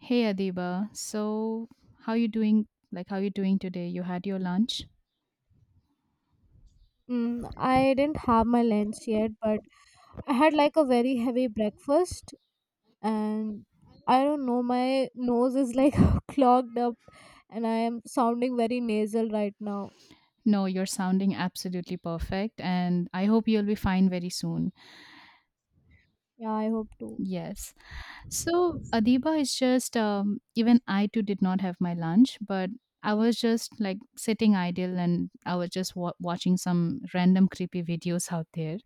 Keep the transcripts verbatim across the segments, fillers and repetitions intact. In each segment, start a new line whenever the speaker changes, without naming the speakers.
Hey Adiba, so how you doing? Like how you doing today? You had your lunch?
Mm, I didn't have my lunch yet, but I had like a very heavy breakfast, and I don't know, my nose is like clogged up, and I am sounding very nasal right now.
No, you're sounding absolutely perfect and I hope you'll be fine very soon.
Yeah, I hope to.
Yes. So Adiba is just um, even I too did not have my lunch, but I was just like sitting idle and I was just wa- watching some random creepy videos out there.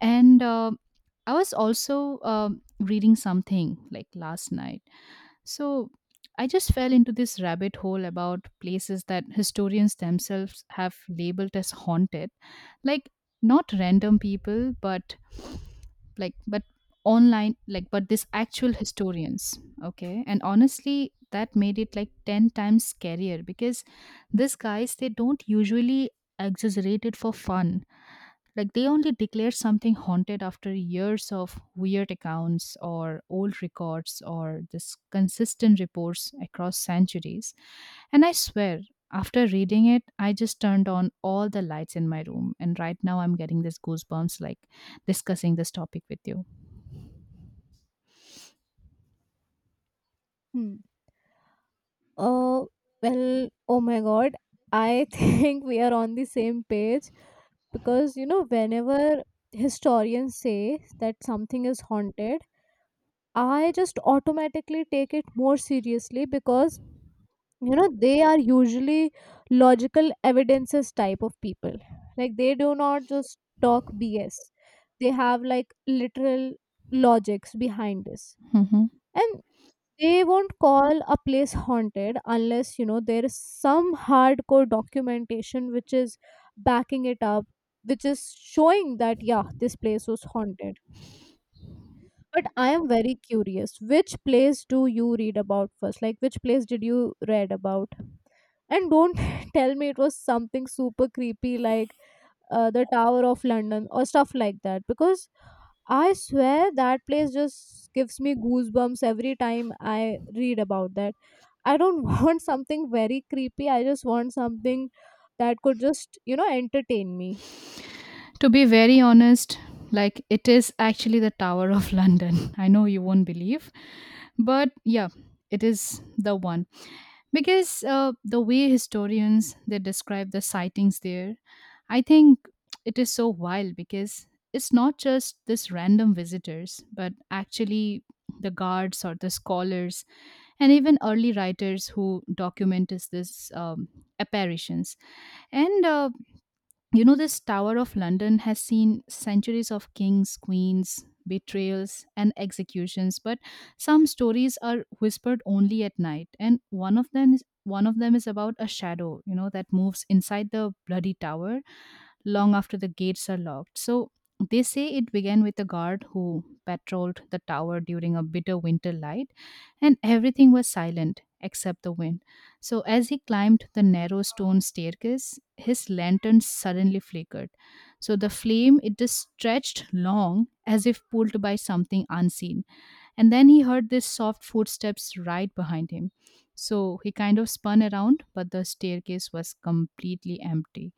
And uh, I was also um reading something like last night. So I just fell into this rabbit hole about places that historians themselves have labeled as haunted. Like not random people, but like but online like but this actual historians. Okay. And honestly, that made it like ten times scarier because these guys they don't usually exaggerate it for fun. Like they only declared something haunted after years of weird accounts or old records or this consistent reports across centuries. And I swear, after reading it, I just turned on all the lights in my room. And right now, I'm getting this goosebumps like discussing this topic with you.
Hmm. Oh, well, oh my god, I think we are on the same page because you know, whenever historians say that something is haunted, I just automatically take it more seriously because you know they are usually logical evidences type of people. Like, they do not just talk bs. They have like literal logics behind this,
Mhm.
and they won't call a place haunted unless you know there is some hardcore documentation which is backing it up, which is showing that yeah, this place was haunted. But I am very curious, which place do you read about first? Like, which place did you read about? And don't tell me it was something super creepy like uh, the Tower of London or stuff like that, because I swear that place just gives me goosebumps every time I read about that. I don't want something very creepy. I just want something that could just you know entertain me.
To be very honest, like it is actually the Tower of London. I know you won't believe, but yeah, it is the one. Because uh, the way historians they describe the sightings there, I think it is so wild because it's not just this random visitors but actually the guards or the scholars and even early writers who document is this um, apparitions. And uh, you know, this Tower of London has seen centuries of kings, queens, betrayals, and executions, but some stories are whispered only at night, and one of them is one of them is about a shadow, you know, that moves inside the bloody tower long after the gates are locked. So they say it began with a guard who patrolled the tower during a bitter winter light, and everything was silent except the wind. So as he climbed the narrow stone staircase, his lantern suddenly flickered. So the flame it just stretched long as if pulled by something unseen. And then he heard these soft footsteps right behind him. So he kind of spun around, but the staircase was completely empty.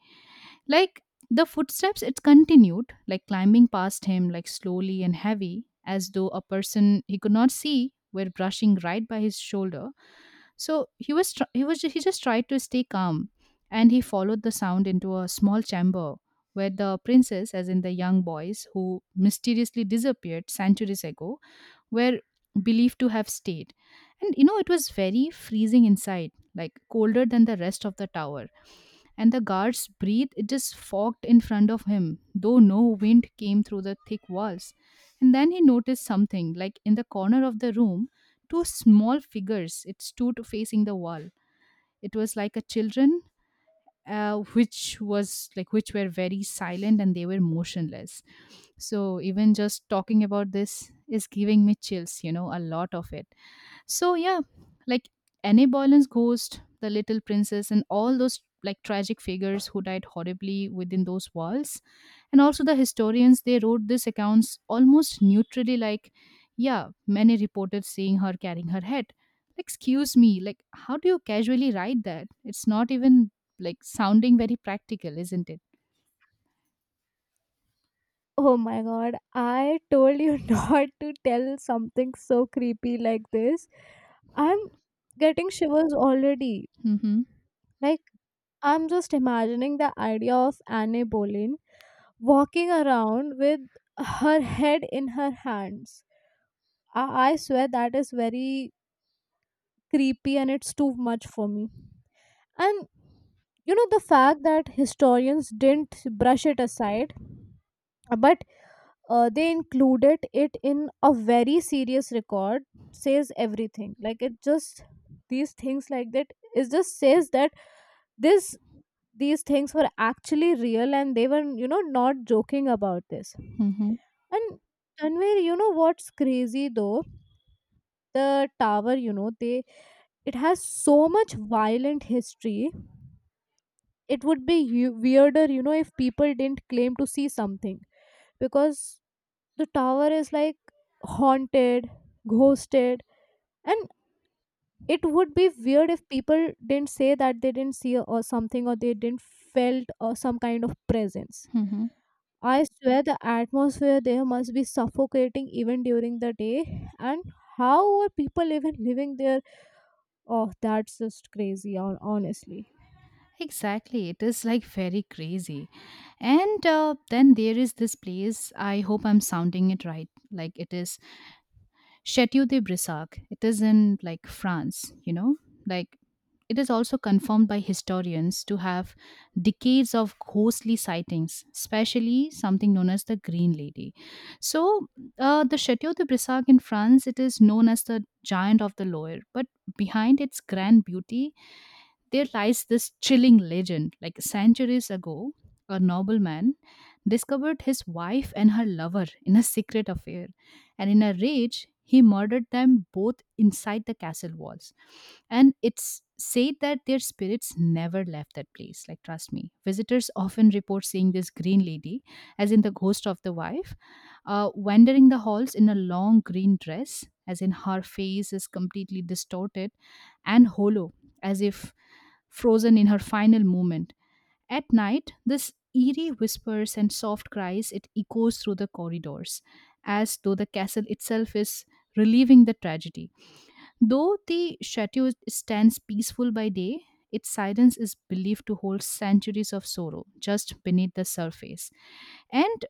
Like the footsteps, it continued, like climbing past him, like slowly and heavy, as though a person he could not see were brushing right by his shoulder. So he was, tr- he was, he just tried to stay calm, and he followed the sound into a small chamber where the princess, as in the young boys who mysteriously disappeared centuries ago, were believed to have stayed. And you know, it was very freezing inside, like colder than the rest of the tower, and the guard's breath it just fogged in front of him, though no wind came through the thick walls. And then he noticed something, like in the corner of the room, two small figures it stood facing the wall. It was like a children, uh, which was like which were very silent and they were motionless. So even just talking about this is giving me chills, you know, a lot of it. So yeah, like Anne Boleyn's ghost, the little princess, and all those like tragic figures who died horribly within those walls. And also the historians they wrote these accounts almost neutrally like, yeah, many reported seeing her carrying her head. Like, excuse me, like how do you casually write that? It's not even like sounding very practical, isn't it?
Oh my god, I told you not to tell something so creepy like this. I'm getting shivers already.
Mm-hmm.
Like, I'm just imagining the idea of Anne Boleyn walking around with her head in her hands. I, I swear that is very creepy and it's too much for me. And you know, the fact that historians didn't brush it aside, but uh, they included it in a very serious record says everything. Like, it just, these things like that, it just says that this these things were actually real and they were you know not joking about this.
Mm-hmm.
And Tanvir, you know what's crazy though? The tower, you know, they it has so much violent history. It would be u- weirder, you know, if people didn't claim to see something because the tower is like haunted, ghosted, and it would be weird if people didn't say that they didn't see or something or they didn't felt or some kind of presence.
Mm-hmm.
I swear the atmosphere there must be suffocating even during the day. And how are people even living there? Oh, that's just crazy, hon- honestly.
Exactly. It is like very crazy. And uh, then there is this place. I hope I'm sounding it right. Like it is Chateau de Brissac. It is in like France, you know, like it is also confirmed by historians to have decades of ghostly sightings, especially something known as the Green Lady. So, uh, the Chateau de Brissac in France, it is known as the giant of the Loire, but behind its grand beauty, there lies this chilling legend. Like centuries ago, a nobleman discovered his wife and her lover in a secret affair, and in a rage he murdered them both inside the castle walls, and it's said that their spirits never left that place. Like trust me, visitors often report seeing this green lady, as in the ghost of the wife, uh, wandering the halls in a long green dress, as in her face is completely distorted and hollow, as if frozen in her final moment. At night, this eerie whispers and soft cries it echoes through the corridors, as though the castle itself is relieving the tragedy. Though the chateau stands peaceful by day, its silence is believed to hold centuries of sorrow just beneath the surface. And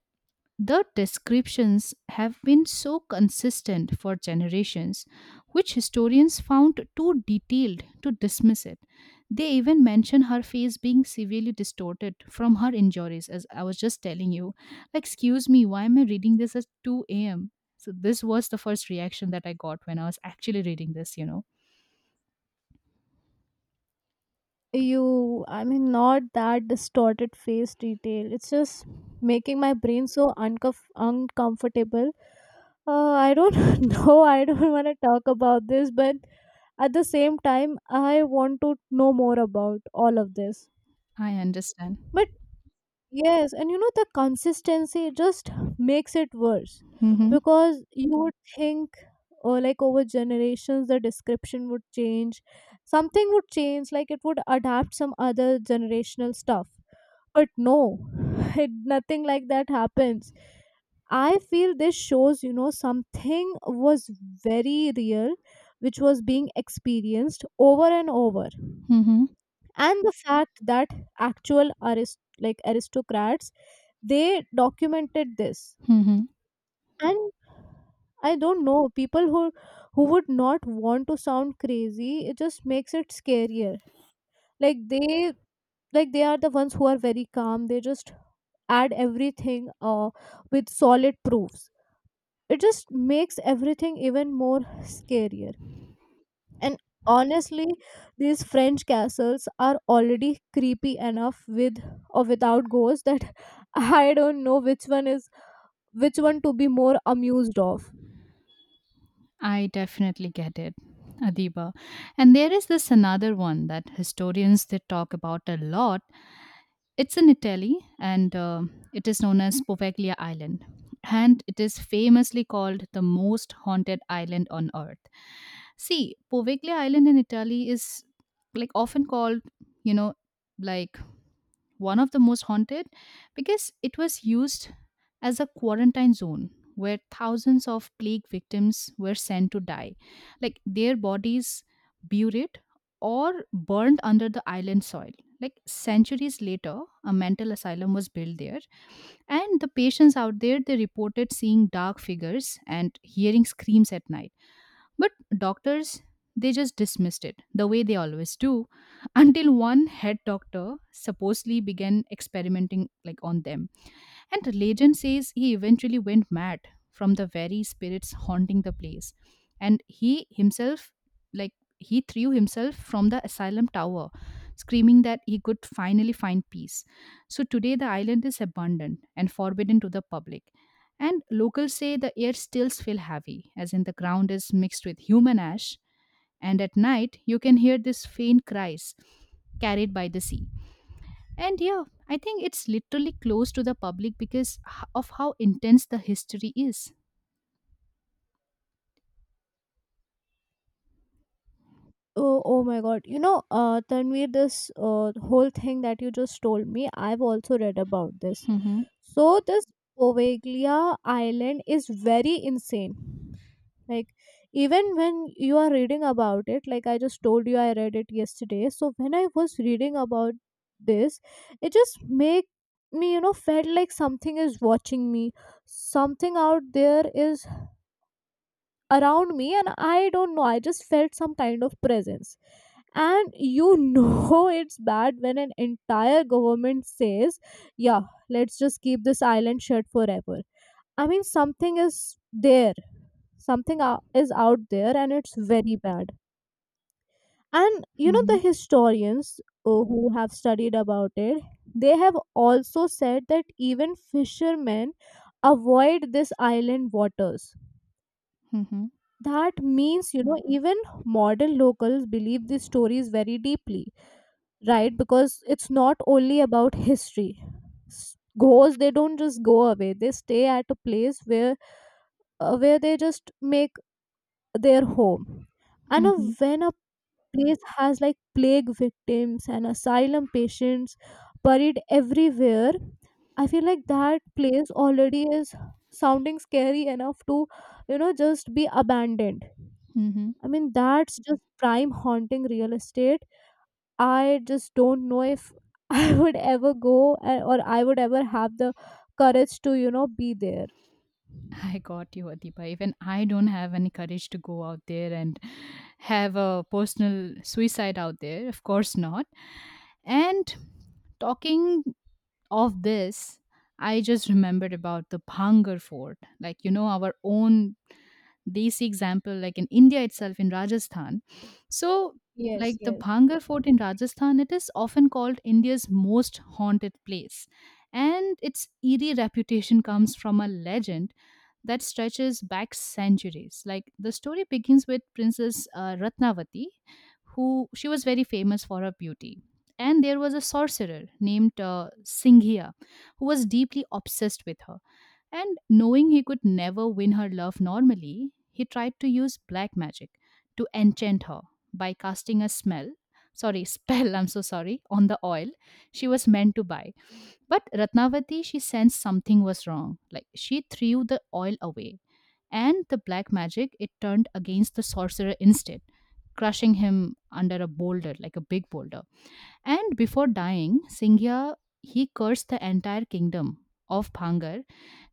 the descriptions have been so consistent for generations, which historians found too detailed to dismiss it. They even mention her face being severely distorted from her injuries, as I was just telling you. Excuse me, why am I reading this at two a m? So, this was the first reaction that I got when I was actually reading this, you know.
You, I mean, not that distorted face detail. It's just making my brain so uncomf- uncomfortable. Uh, I don't know. I don't want to talk about this, but at the same time, I want to know more about all of this.
I understand.
But yes, and you know the consistency just makes it worse
Mm-hmm.
because you would think or like over generations the description would change, something would change, like it would adapt some other generational stuff. But no, it, nothing like that happens. I feel this shows, you know, something was very real which was being experienced over and over.
Mm-hmm.
And the fact that actual arist- like aristocrats they documented this,
Mm-hmm.
and I don't know, people who who would not want to sound crazy, it just makes it scarier. Like they like they are the ones who are very calm. They just add everything uh, with solid proofs. It just makes everything even more scarier. And honestly, these French castles are already creepy enough with or without ghosts that I don't know which one is which one to be more amused of.
I definitely get it, Adiba. And there is this another one that historians they talk about a lot. It's in Italy, and uh, it is known as Poveglia Island, and it is famously called the most haunted island on earth. See, Poveglia Island in Italy is like often called, you know, like one of the most haunted because it was used as a quarantine zone where thousands of plague victims were sent to die, like their bodies buried or burned under the island soil. Like centuries later, a mental asylum was built there, and the patients out there they reported seeing dark figures and hearing screams at night. But doctors they just dismissed it the way they always do until one head doctor supposedly began experimenting like on them, and legend says he eventually went mad from the very spirits haunting the place. And he himself, like, he threw himself from the asylum tower, screaming that he could finally find peace. So today, the island is abandoned and forbidden to the public. And locals say the air still feels heavy, as in the ground is mixed with human ash. And at night, you can hear these faint cries carried by the sea. And yeah, I think it's literally close to the public because h- of how intense the history is.
Oh, oh my God. You know, uh, Tanvir, this uh, whole thing that you just told me, I've also read about this.
Mm-hmm.
So, this Poveglia Island is very insane. Like, even when you are reading about it, like I just told you, I read it yesterday. So, when I was reading about this, it just make me, you know, felt like something is watching me. Something out there is around me, and I don't know, I just felt some kind of presence. And you know, it's bad when an entire government says, yeah, let's just keep this island shut forever. I mean, something is there, something ou- is out there, and it's very bad. And you know, the
Mm-hmm.
historians uh, who have studied about it, they have also said that even fishermen avoid this island waters.
Mm-hmm.
That means, you know, even modern locals believe these stories very deeply, right? Because it's not only about history. S- ghosts, they don't just go away, they stay at a place where uh, where they just make their home. And uh,
Mm-hmm.
when a place has like plague victims and asylum patients buried everywhere, I feel like that place already is sounding scary enough to, you know, just be abandoned.
Mm-hmm.
I mean, that's just prime haunting real estate. I just don't know if I would ever go, uh, or I would ever have the courage to, you know, be there.
I got you, Adipa. Even I don't have any courage to go out there and have a personal suicide out there. Of course not. And talking of this, I just remembered about the Bhangar Fort, like, you know, our own they example like in India itself in Rajasthan. So
Yes,
like the
yes.
Bhangar Fort in Rajasthan, it is often called India's most haunted place, and its eerie reputation comes from a legend that stretches back centuries. Like the story begins with Princess uh, Ratnavati, who she was very famous for her beauty. And there was a sorcerer named uh, Singhia, who was deeply obsessed with her, and knowing he could never win her love normally, he tried to use black magic to enchant her by casting a smell. Sorry, spell, I'm so sorry, on the oil she was meant to buy. But Ratnavati, she sensed something was wrong. Like she threw the oil away. And the black magic, it turned against the sorcerer instead, crushing him under a boulder, like a big boulder. And before dying, Singhya, he cursed the entire kingdom of Bhangar,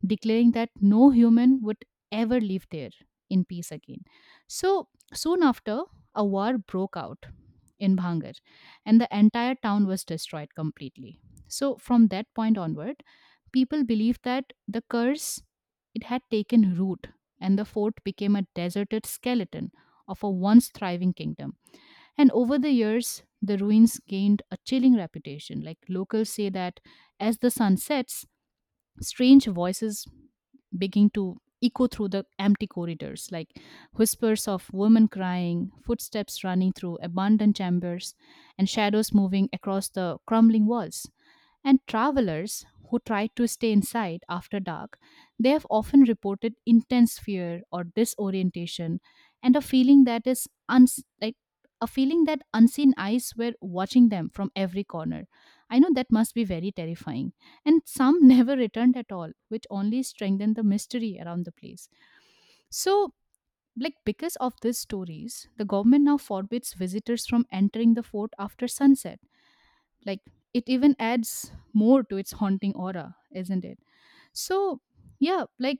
declaring that no human would ever live there in peace again. So soon after, a war broke out in Bhangar, and the entire town was destroyed completely. So from that point onward, people believed that the curse it had taken root, and the fort became a deserted skeleton of a once thriving kingdom. And over the years, the ruins gained a chilling reputation. Like locals say that as the sun sets, strange voices begin to echo through the empty corridors, like whispers of women crying, footsteps running through abandoned chambers, and shadows moving across the crumbling walls. And travelers who tried to stay inside after dark, they have often reported intense fear or disorientation and a feeling that is uns- like a feeling that unseen eyes were watching them from every corner. I know that must be very terrifying, and some never returned at all, which only strengthened the mystery around the place. So, like because of these stories, the government now forbids visitors from entering the fort after sunset. Like it even adds more to its haunting aura, isn't it? So, yeah, like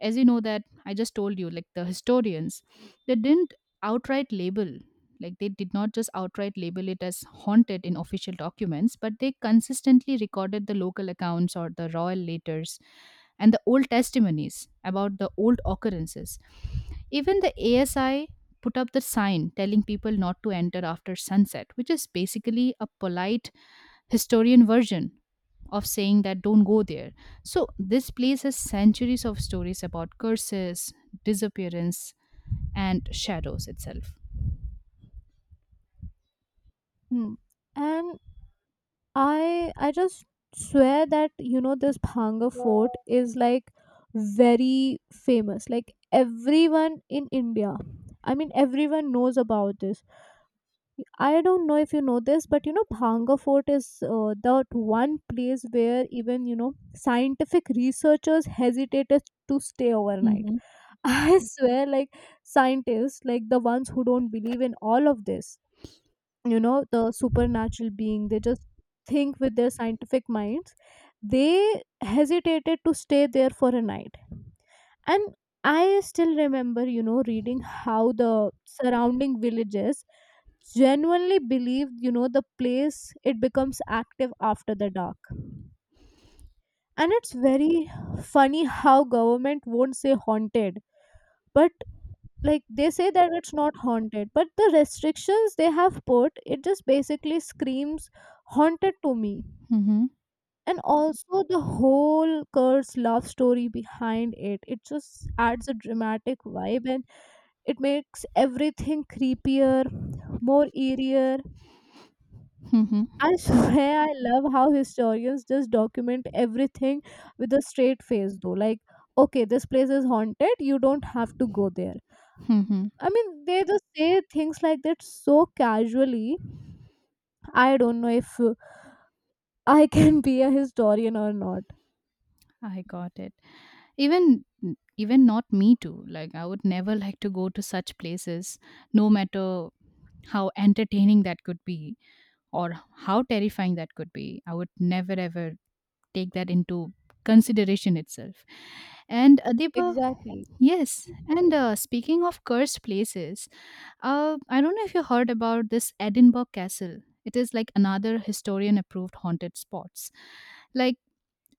as you know that I just told you, like the historians they didn't outright label like they did not just outright label it as haunted in official documents, but they consistently recorded the local accounts or the royal letters and the old testimonies about the old occurrences. Even the A S I put up the sign telling people not to enter after sunset, which is basically a polite historian version of saying that don't go there. So this place has centuries of stories about curses, disappearance, and shadows itself.
Hmm. And I I just swear that you know this Bhanga fort is like very famous. Like everyone in India, I mean everyone knows about this. I don't know if you know this, but you know, Bhanga Fort is uh, that one place where even, you know, scientific researchers hesitated to stay overnight.
Hmm.
I swear, like, scientists, like the ones who don't believe in all of this, you know, the supernatural being, they just think with their scientific minds, they hesitated to stay there for a night. And I still remember, you know reading how the surrounding villages genuinely believe, you know, the place it becomes active after the dark. And it's very funny how government won't say haunted, but like they say that it's not haunted, but the restrictions they have put it just basically screams haunted to me.
Mm-hmm.
And also the whole curse love story behind it it just adds a dramatic vibe, and it makes everything creepier, more eerier.
Mm-hmm.
I swear I love how historians just document everything with a straight face though. Like, okay, this place is haunted, you don't have to go there.
Mm-hmm.
I mean, they just say things like that so casually. I don't know if uh, I can be a historian or not.
I got it. Even even not me too. Like I would never like to go to such places, no matter how entertaining that could be or how terrifying that could be. I would never ever take that into consideration itself. And uh, Deepa,
Exactly.
yes. And uh, speaking of cursed places, uh, I don't know if you heard about this Edinburgh Castle. It is like another historian-approved haunted spots. Like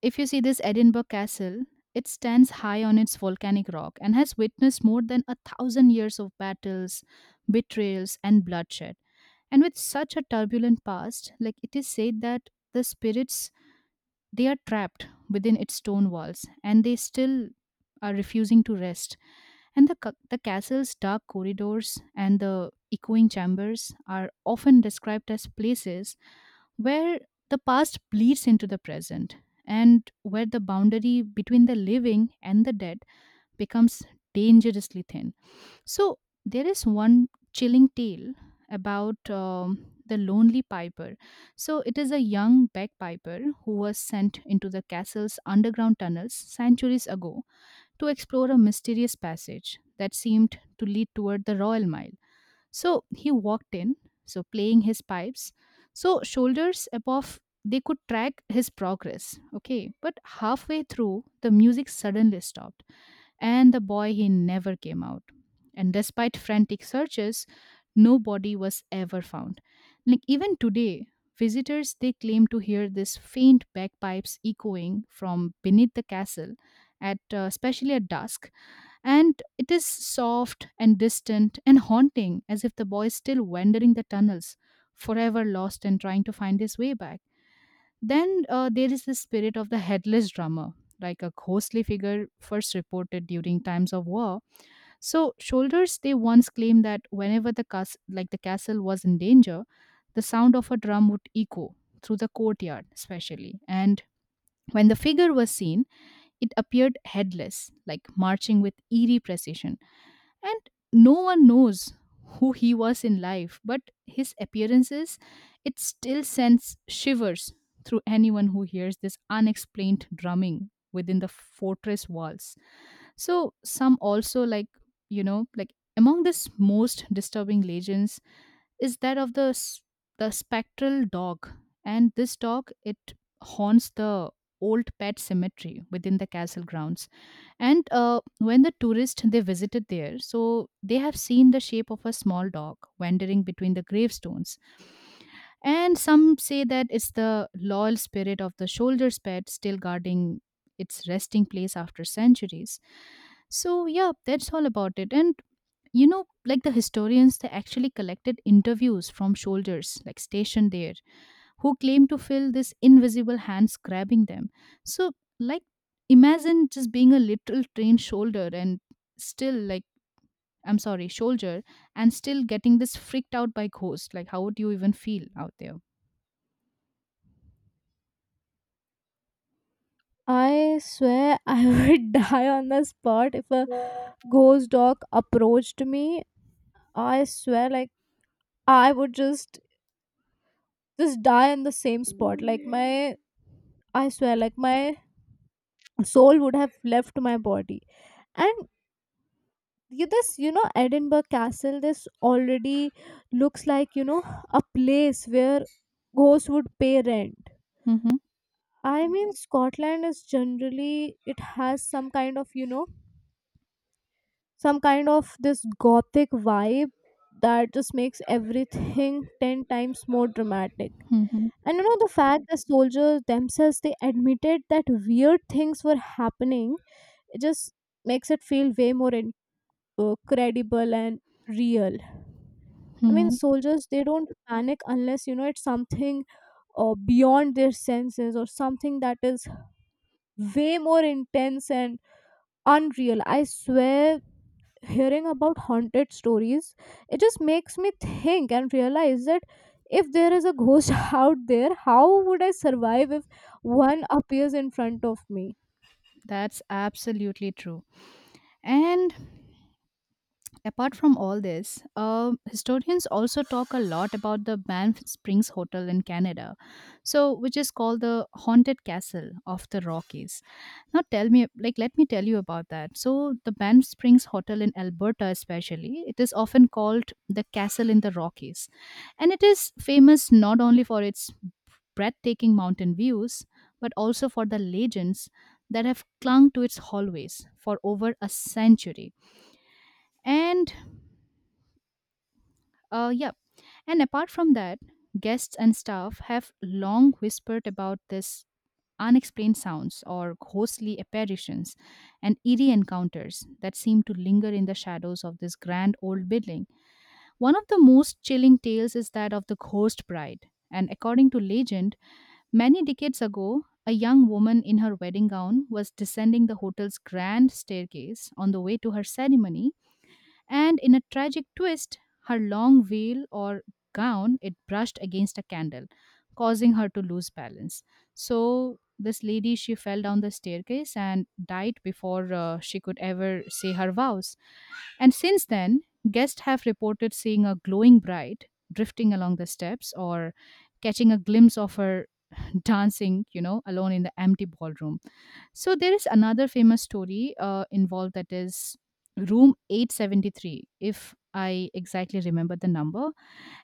if you see this Edinburgh Castle, it stands high on its volcanic rock and has witnessed more than a thousand years of battles, betrayals, and bloodshed. And with such a turbulent past, like it is said that the spirits, they are trapped within its stone walls and they still are refusing to rest. And the, ca- the castle's dark corridors and the echoing chambers are often described as places where the past bleeds into the present and where the boundary between the living and the dead becomes dangerously thin. So there is one chilling tale about um, the lonely piper. So it is a young bagpiper who was sent into the castle's underground tunnels centuries ago to explore a mysterious passage that seemed to lead toward the royal mile. So he walked in, so playing his pipes. So shoulders above, they could track his progress. Okay, but halfway through the music suddenly stopped and the boy, he never came out, and despite frantic searches, no body was ever found. Like even today visitors, they claim to hear this faint bagpipes echoing from beneath the castle at uh, especially at dusk, and it is soft and distant and haunting, as if the boy is still wandering the tunnels forever lost and trying to find his way back. Then uh, there is the spirit of the headless drummer, like a ghostly figure first reported during times of war. So soldiers, they once claimed that whenever the cas- like the castle was in danger, the sound of a drum would echo through the courtyard, especially. And when the figure was seen, it appeared headless, like marching with eerie precision, and no one knows who he was in life, but his appearances, it still sends shivers through anyone who hears this unexplained drumming within the fortress walls. So some also, like, you know, like among this most disturbing legends is that of the s- the spectral dog. And this dog, it haunts the old pet cemetery within the castle grounds. And uh, when the tourists, they visited there, so they have seen the shape of a small dog wandering between the gravestones. And some say that it's the loyal spirit of the soldier's pet still guarding its resting place after centuries. So yeah, that's all about it. And you know, like the historians, they actually collected interviews from soldiers like stationed there who claim to feel this invisible hands grabbing them. So, like, imagine just being a literal trained shoulder and still, like, I'm sorry, soldier, and still getting this freaked out by ghosts. Like, how would you even feel out there?
I swear I would die on the spot if a ghost dog approached me. I swear, like, I would just just die in the same spot like my, I swear, like my soul would have left my body. And you this, you know, Edinburgh Castle, this already looks like, you know, a place where ghosts would pay rent.
Mm-hmm.
I mean, Scotland is generally, it has some kind of you know some kind of this gothic vibe that just makes everything ten times more dramatic.
Mm-hmm.
And you know, the fact the soldiers themselves they admitted that weird things were happening, it just makes it feel way more in, uh, credible and real. I mean,
Mm-hmm.
soldiers they don't panic unless you know it's something uh, beyond their senses or something that is way more intense and unreal. I swear hearing about haunted stories, it just makes me think and realize that if there is a ghost out there, how would I survive if one appears in front of me?
That's absolutely true. And apart from all this, uh, historians also talk a lot about the Banff Springs Hotel in Canada, so which is called the haunted castle of the Rockies. Now, tell me, like, let me tell you about that. So, the Banff Springs Hotel in Alberta, especially, it is often called the castle in the Rockies, and it is famous not only for its breathtaking mountain views, but also for the legends that have clung to its hallways for over a century. And uh, yep. And apart from that, guests and staff have long whispered about this unexplained sounds or ghostly apparitions and eerie encounters that seem to linger in the shadows of this grand old building. One of the most chilling tales is that of the ghost bride. And according to legend, many decades ago, a young woman in her wedding gown was descending the hotel's grand staircase on the way to her ceremony, and in a tragic twist, her long veil or gown, it brushed against a candle, causing her to lose balance. So this lady, she fell down the staircase and died before uh, she could ever say her vows. And since then, guests have reported seeing a glowing bride drifting along the steps or catching a glimpse of her dancing, you know, alone in the empty ballroom. So there is another famous story uh, involved, that is room eight seventy-three if I exactly remember the number,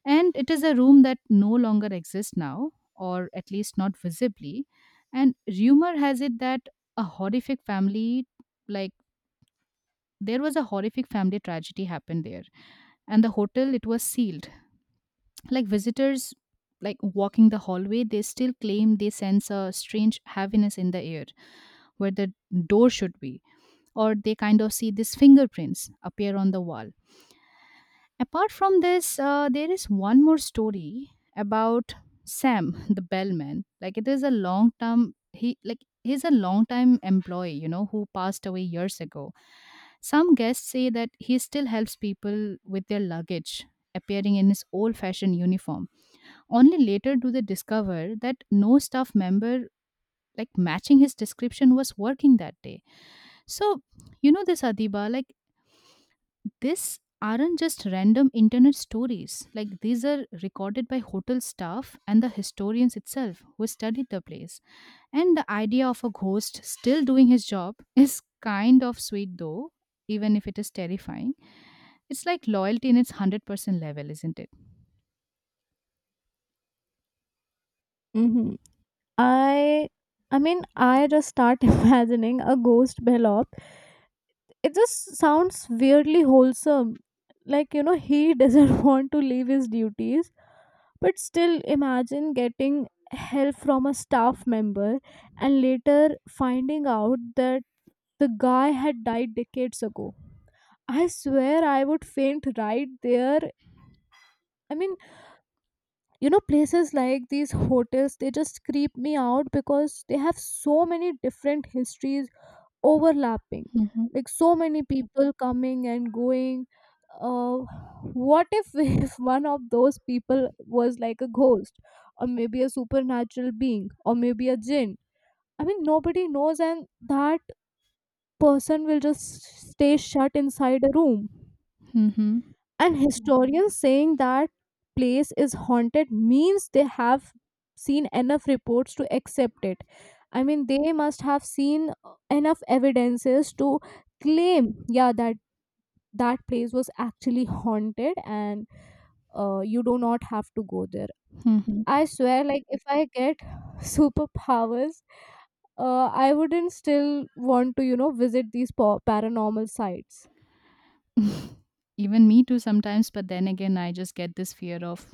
and it is a room that no longer exists now, or at least not visibly, and rumor has it that a horrific family, like there was a horrific family tragedy happened there and the hotel, it was sealed. Like visitors, like walking the hallway, they still claim they sense a strange heaviness in the air where the door should be, or they kind of see these fingerprints appear on the wall. Apart from this, uh, there is one more story about Sam, the bellman. Like it is a long term he like He's a long time employee, you know, who passed away years ago. Some guests say that he still helps people with their luggage, appearing in his old fashioned uniform. Only later do they discover that no staff member like matching his description was working that day. So, you know this Adiba, like these aren't just random internet stories. Like these are recorded by hotel staff and the historians itself who studied the place. And the idea of a ghost still doing his job is kind of sweet though, even if it is terrifying. It's like loyalty in its one hundred percent level, isn't it?
Hmm. i I mean, I just start imagining a ghost bellop, it just sounds weirdly wholesome. Like, you know, he doesn't want to leave his duties. But still, imagine getting help from a staff member and later finding out that the guy had died decades ago. I swear I would faint right there. I mean, you know, places like these hotels, they just creep me out because they have so many different histories overlapping.
Mhm.
Like, so many people coming and going. Uh, what if, if one of those people was like a ghost, or maybe a supernatural being, or maybe a jinn? I mean, nobody knows, and that person will just stay shut inside a room.
Mhm.
And historians saying that place is haunted means they have seen enough reports to accept it. I mean, they must have seen uh, enough evidences to claim, yeah, that that place was actually haunted, and uh, you do not have to go there.
Mhm.
I swear, like, if I get superpowers, uh, I wouldn't still want to, you know, visit these pa- paranormal sites.
Even me too sometimes, but then again I just get this fear of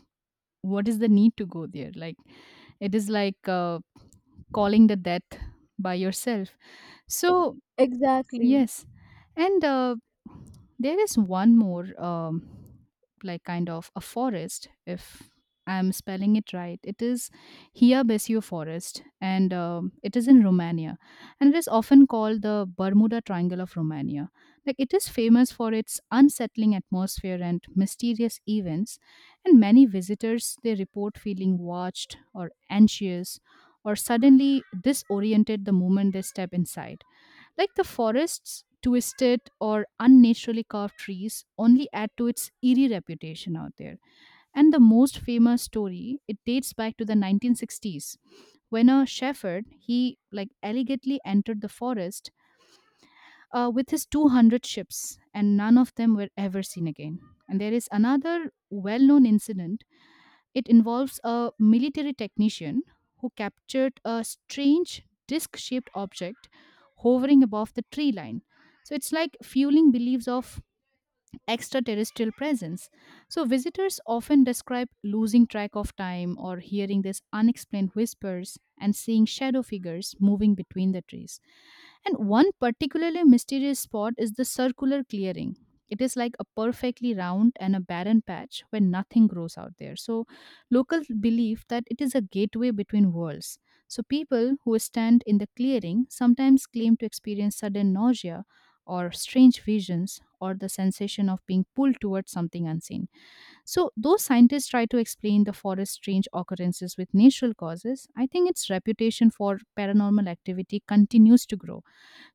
what is the need to go there? Like it is like uh, calling the death by yourself, so
Exactly.
yes. And uh, there is one more, um, like kind of a forest, if I'm spelling it right. It is Hia Besiu Forest, and um it is in Romania. And it is often called the Bermuda Triangle of Romania. Like, it is famous for its unsettling atmosphere and mysterious events. And many visitors, they report feeling watched or anxious or suddenly disoriented the moment they step inside, like the forest's twisted or unnaturally carved trees only add to its eerie reputation out there. And the most famous story, it dates back to the nineteen sixties when a shepherd, he like elegantly entered the forest uh, with his two hundred ships, and none of them were ever seen again. And there is another well-known incident, it involves a military technician who captured a strange disc shaped object hovering above the tree line. So it's like fueling beliefs of extraterrestrial presence. So, visitors often describe losing track of time or hearing these unexplained whispers and seeing shadow figures moving between the trees. And one particularly mysterious spot is the circular clearing. It is like a perfectly round and a barren patch where nothing grows out there. So, locals believe that it is a gateway between worlds. So, people who stand in the clearing sometimes claim to experience sudden nausea or strange visions or the sensation of being pulled towards something unseen. So, though scientists try to explain the forest's strange occurrences with natural causes, I think its reputation for paranormal activity continues to grow.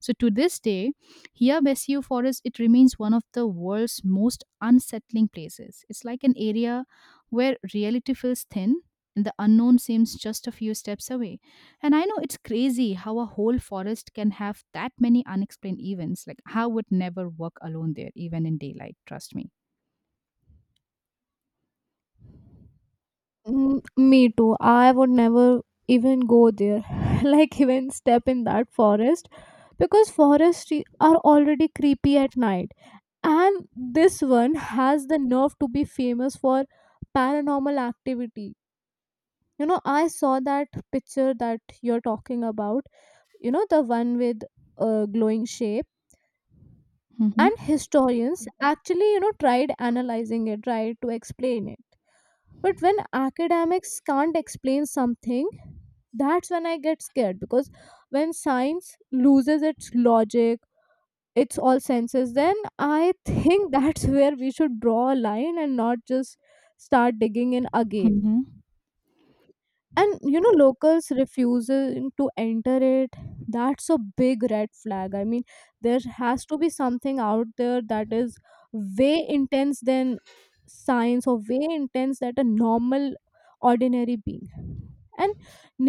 So to this day, here Bessio Forest, it remains one of the world's most unsettling places. It's like an area where reality feels thin and the unknown seems just a few steps away. And I know it's crazy how a whole forest can have that many unexplained events. Like I would never walk alone there, even in daylight. Trust me.
Mm, me too. I would never even go there, like even step in that forest, because forests i- are already creepy at night. And this one has the nerve to be famous for paranormal activity. You know, I saw that picture that you're talking about, you know, the one with a glowing shape. And historians Mhm. actually, you know, tried analyzing it, tried to explain it. But when academics can't explain something, that's when I get scared, because when science loses its logic, its all senses, then I think that's where we should draw a line and not just start digging in again.
Hmm.
And you know, locals refusing to enter it, that's a big red flag. I mean, there has to be something out there that is way intense than science, or way intense that a normal ordinary being. And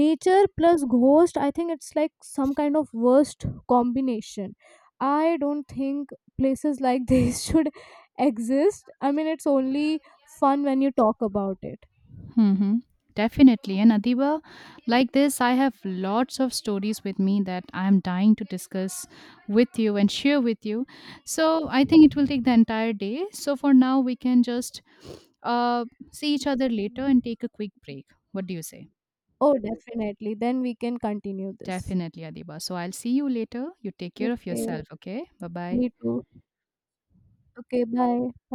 nature plus ghost, I think it's like some kind of worst combination. I don't think places like this should exist. I mean, it's only fun when you talk about it.
Mm-hmm. Definitely. And Adiba, like this, I have lots of stories with me that I am dying to discuss with you and share with you. So I think it will take the entire day. So for now, we can just uh, see each other later and take a quick break. What do you say?
Oh, definitely. Then we can continue this.
Definitely, Adiba. So I'll see you later. You take care of
Okay.
yourself, okay? Bye bye.
Me too. Okay. Bye.